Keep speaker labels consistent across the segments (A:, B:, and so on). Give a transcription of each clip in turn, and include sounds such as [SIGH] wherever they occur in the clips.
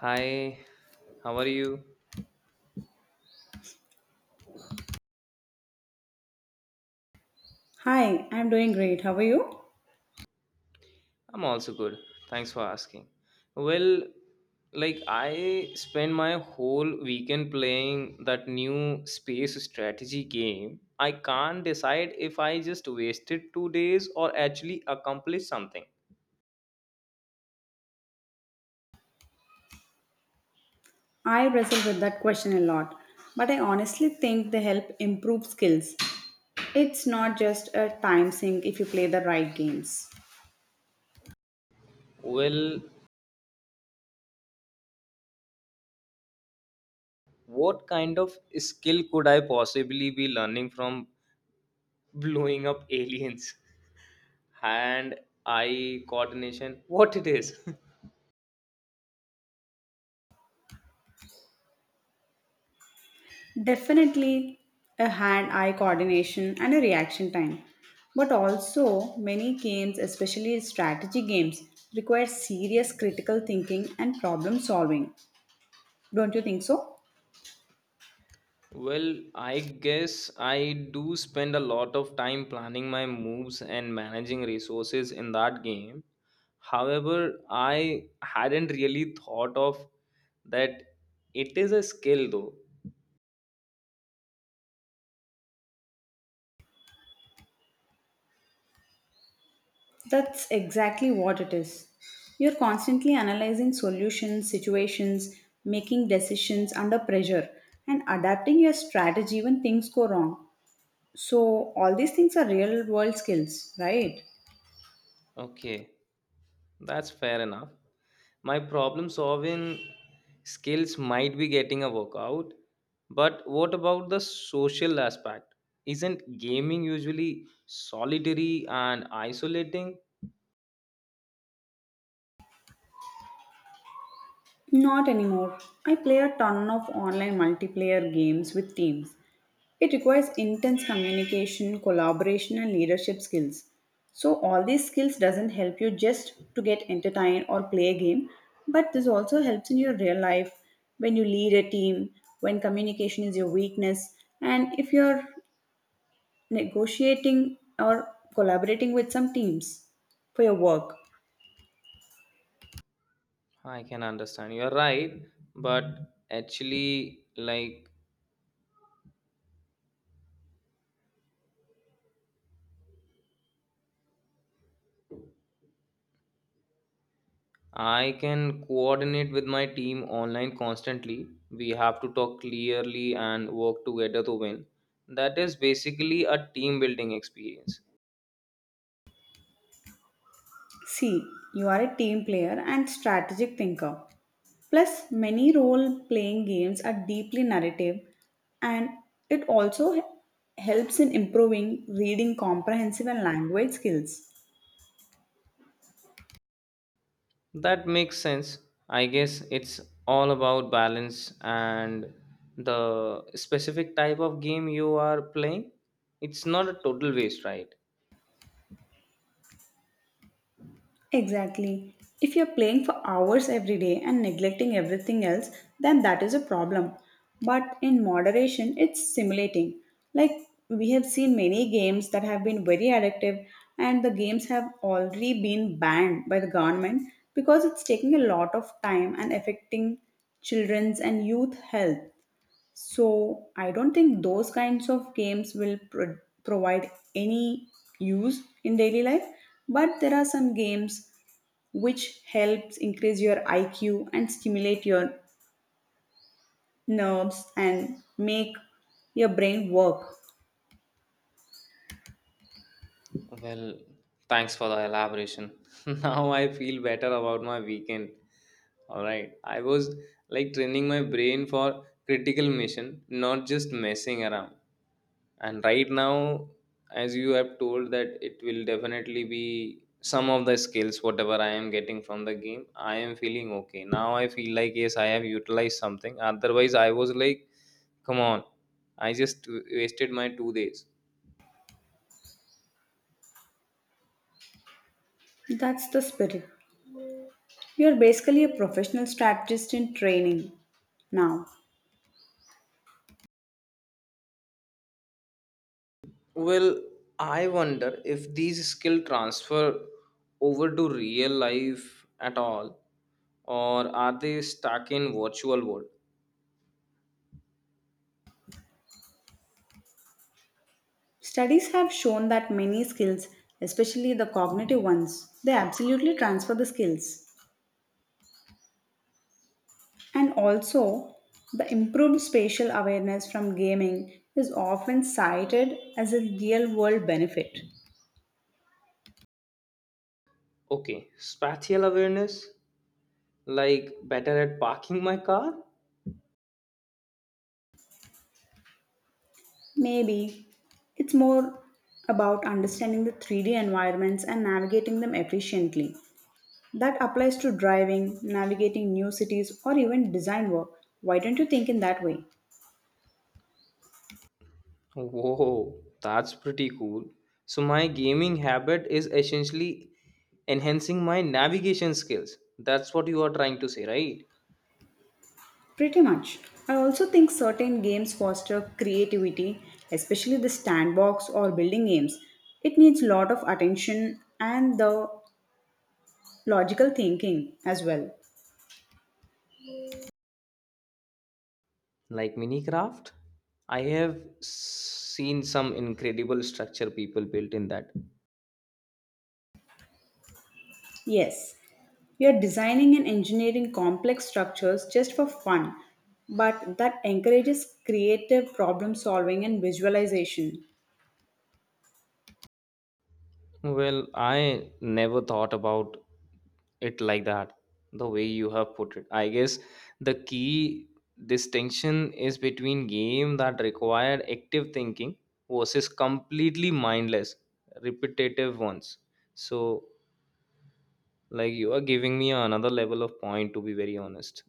A: Hi, how are you?
B: Hi, I'm doing great. How are you?
A: I'm also good. Thanks for asking. Well, I spent my whole weekend playing that new space strategy game. I can't decide if I just wasted 2 days or actually accomplished something.
B: I wrestle with that question a lot, but I honestly think they help improve skills. It's not just a time sink if you play the right games.
A: Well, what kind of skill could I possibly be learning from blowing up [LAUGHS] aliens? Hand eye coordination, what it is. [LAUGHS]
B: Definitely a hand eye coordination and a reaction time. But also, many games, especially strategy games, require serious critical thinking and problem solving. Don't you think so?
A: Well, I guess I do spend a lot of time planning my moves and managing resources in that game. However, I hadn't really thought of that it is a skill though.
B: That's exactly what it is. You're constantly analyzing solutions, situations, making decisions under pressure, and adapting your strategy when things go wrong. So, all these things are real world skills, right?
A: Okay, that's fair enough. My problem solving skills might be getting a workout, but what about the social aspect? Isn't gaming usually solitary and isolating?
B: Not anymore. I play a ton of online multiplayer games with teams. It requires intense communication, collaboration and leadership skills. So all these skills doesn't help you just to get entertained or play a game, but this also helps in your real life when you lead a team, when communication is your weakness and if you're negotiating or collaborating with some teams for your work.
A: I can understand. You're right, but actually, I can coordinate with my team online constantly. We have to talk clearly and work together to win. That is basically a team building experience.
B: See, you are a team player and strategic thinker. Plus, many role playing games are deeply narrative and it helps in improving reading comprehensive and language skills.
A: That makes sense. I guess it's all about balance and the specific type of game you are playing. It's not a total waste, right?
B: Exactly. If you're playing for hours every day and neglecting everything else, then that is a problem. But in moderation, it's simulating. Like we have seen many games that have been very addictive, and the games have already been banned by the government because it's taking a lot of time and affecting children's and youth health. So I don't think those kinds of games will provide any use in daily life, but there are some games which helps increase your IQ and stimulate your nerves and make your brain work.
A: Well, thanks for the elaboration. [LAUGHS] Now I feel better about my weekend. All right. I was like training my brain for critical mission, not just messing around. And right now, as you have told that it will definitely be some of the skills whatever I am getting from the game, I am feeling okay. Now I feel like yes, I have utilized something. Otherwise, I was like, come on, I just wasted my 2 days.
B: That's the spirit. You're basically a professional strategist in training. Now,
A: Well, I wonder if these skill transfer over to real life at all, or are they stuck in virtual world?
B: studies have shown that many skills, especially the cognitive ones, they absolutely transfer the skills. And also, the improved spatial awareness from gaming is often cited as a real world benefit.
A: Okay, spatial awareness, like better at parking my car.
B: Maybe it's more about understanding the 3D environments and navigating them efficiently. That applies to driving, navigating new cities, or even design work. Why don't you think in that way?
A: Whoa, that's pretty cool. So my gaming habit is essentially enhancing my navigation skills. That's what you are trying to say, right?
B: Pretty much. I also think certain games foster creativity, especially the sandbox or building games. It needs a lot of attention and the logical thinking as well.
A: Like minicraft, I have seen some incredible structure people built in that.
B: Yes, you are designing and engineering complex structures just for fun, but that encourages creative problem solving and visualization.
A: Well, I never thought about it like that. The way you have put it, I guess the key distinction is between game that required active thinking versus completely mindless repetitive ones. So like you are giving me another level of point, to be very honest.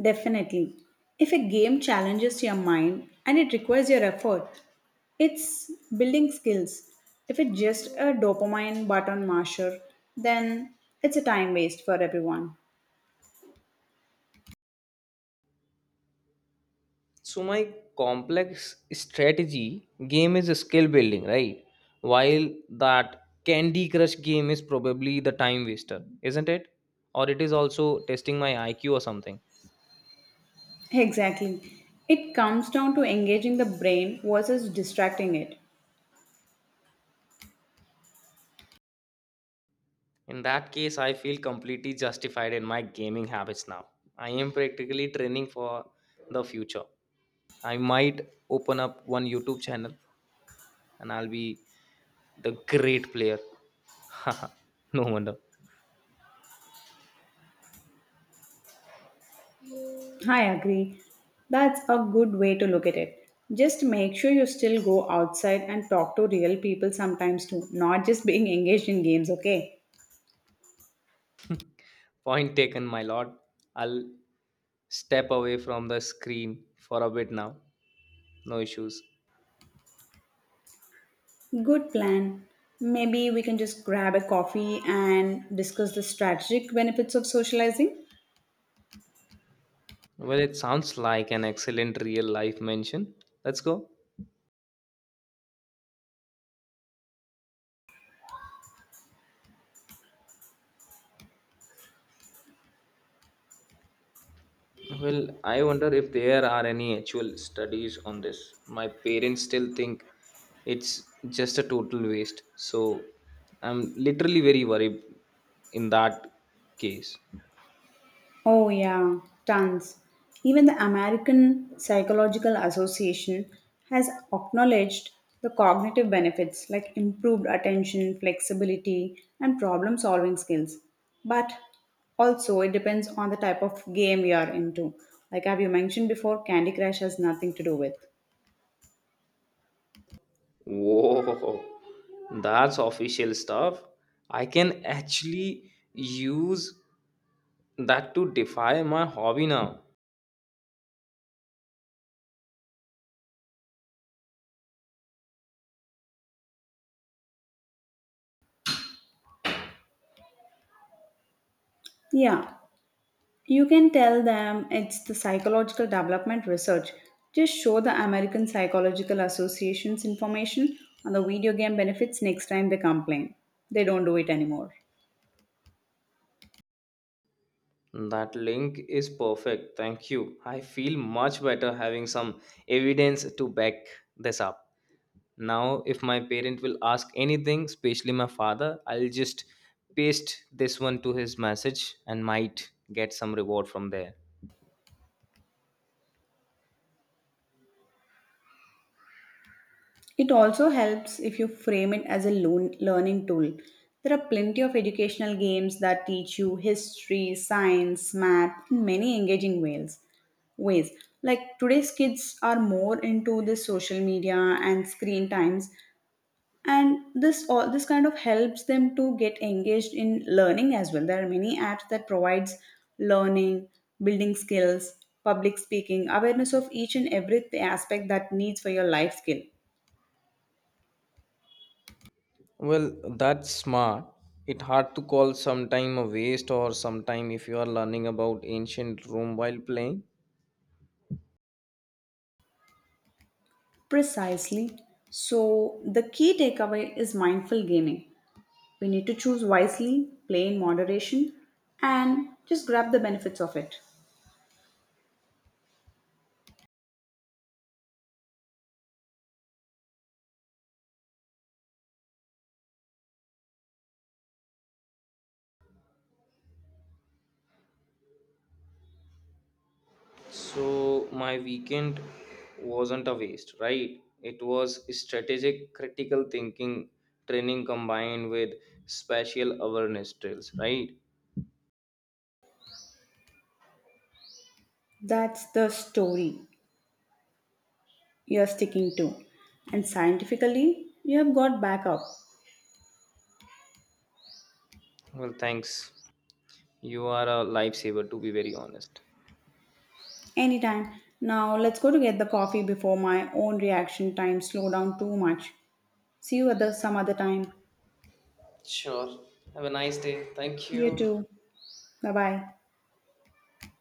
B: Definitely. If a game challenges your mind and it requires your effort, it's building skills. If it's just a dopamine button masher, then it's a time waste for everyone.
A: So my complex strategy game is skill building, right? While that Candy Crush game is probably the time waster, isn't it? Or it is also testing my IQ or something.
B: Exactly. It comes down to engaging the brain versus distracting it.
A: In that case, I feel completely justified in my gaming habits now. I am practically training for the future. I might open up one YouTube channel and I'll be the great player. [LAUGHS] No wonder.
B: I agree. That's a good way to look at it. Just make sure you still go outside and talk to real people sometimes too, not just being engaged in games, okay?
A: Point taken, my lord. I'll step away from the screen for a bit now. No issues.
B: Good plan. Maybe we can just grab a coffee and discuss the strategic benefits of socializing.
A: Well, it sounds like an excellent real life mention. Let's go. Well, I wonder if there are any actual studies on this. My parents still think it's just a total waste. So I'm literally very worried in that case.
B: Oh, yeah, tons. Even the American Psychological Association has acknowledged the cognitive benefits like improved attention, flexibility, and problem solving skills. But also, it depends on the type of game you are into. Like, have you mentioned before, Candy Crush has nothing to do with.
A: Whoa, that's official stuff. I can actually use that to defy my hobby now.
B: Yeah, you can tell them it's the psychological development research. Just show the American Psychological Association's information on the video game benefits next time they complain. They don't do it anymore.
A: That link is perfect. Thank you. I feel much better having some evidence to back this up. Now, if my parent will ask anything, especially my father, I'll just paste this one to his message and might get some reward from there.
B: It also helps if you frame it as a learning tool. There are plenty of educational games that teach you history, science, math in many engaging ways. Ways like today's kids are more into the social media and screen times, and this all this kind of helps them to get engaged in learning as well. There are many apps that provides learning, building skills, public speaking awareness of each and every aspect that needs for your life skill.
A: Well, that's smart. It hard to call sometime a waste or sometime if you are learning about ancient Rome while playing.
B: Precisely. So the key takeaway is mindful gaming. We need to choose wisely, play in moderation, and just grab the benefits of it.
A: So my weekend wasn't a waste, right? It was strategic critical thinking training combined with spatial awareness drills, right?
B: That's the story you're sticking to, and scientifically you have got backup.
A: Well, thanks. You are a lifesaver, to be very honest.
B: Anytime. Now let's go to get the coffee before my own reaction time slow down too much. See you at the, some other time.
A: Sure. Have a nice day. Thank
B: You
A: you.
B: too. Bye bye.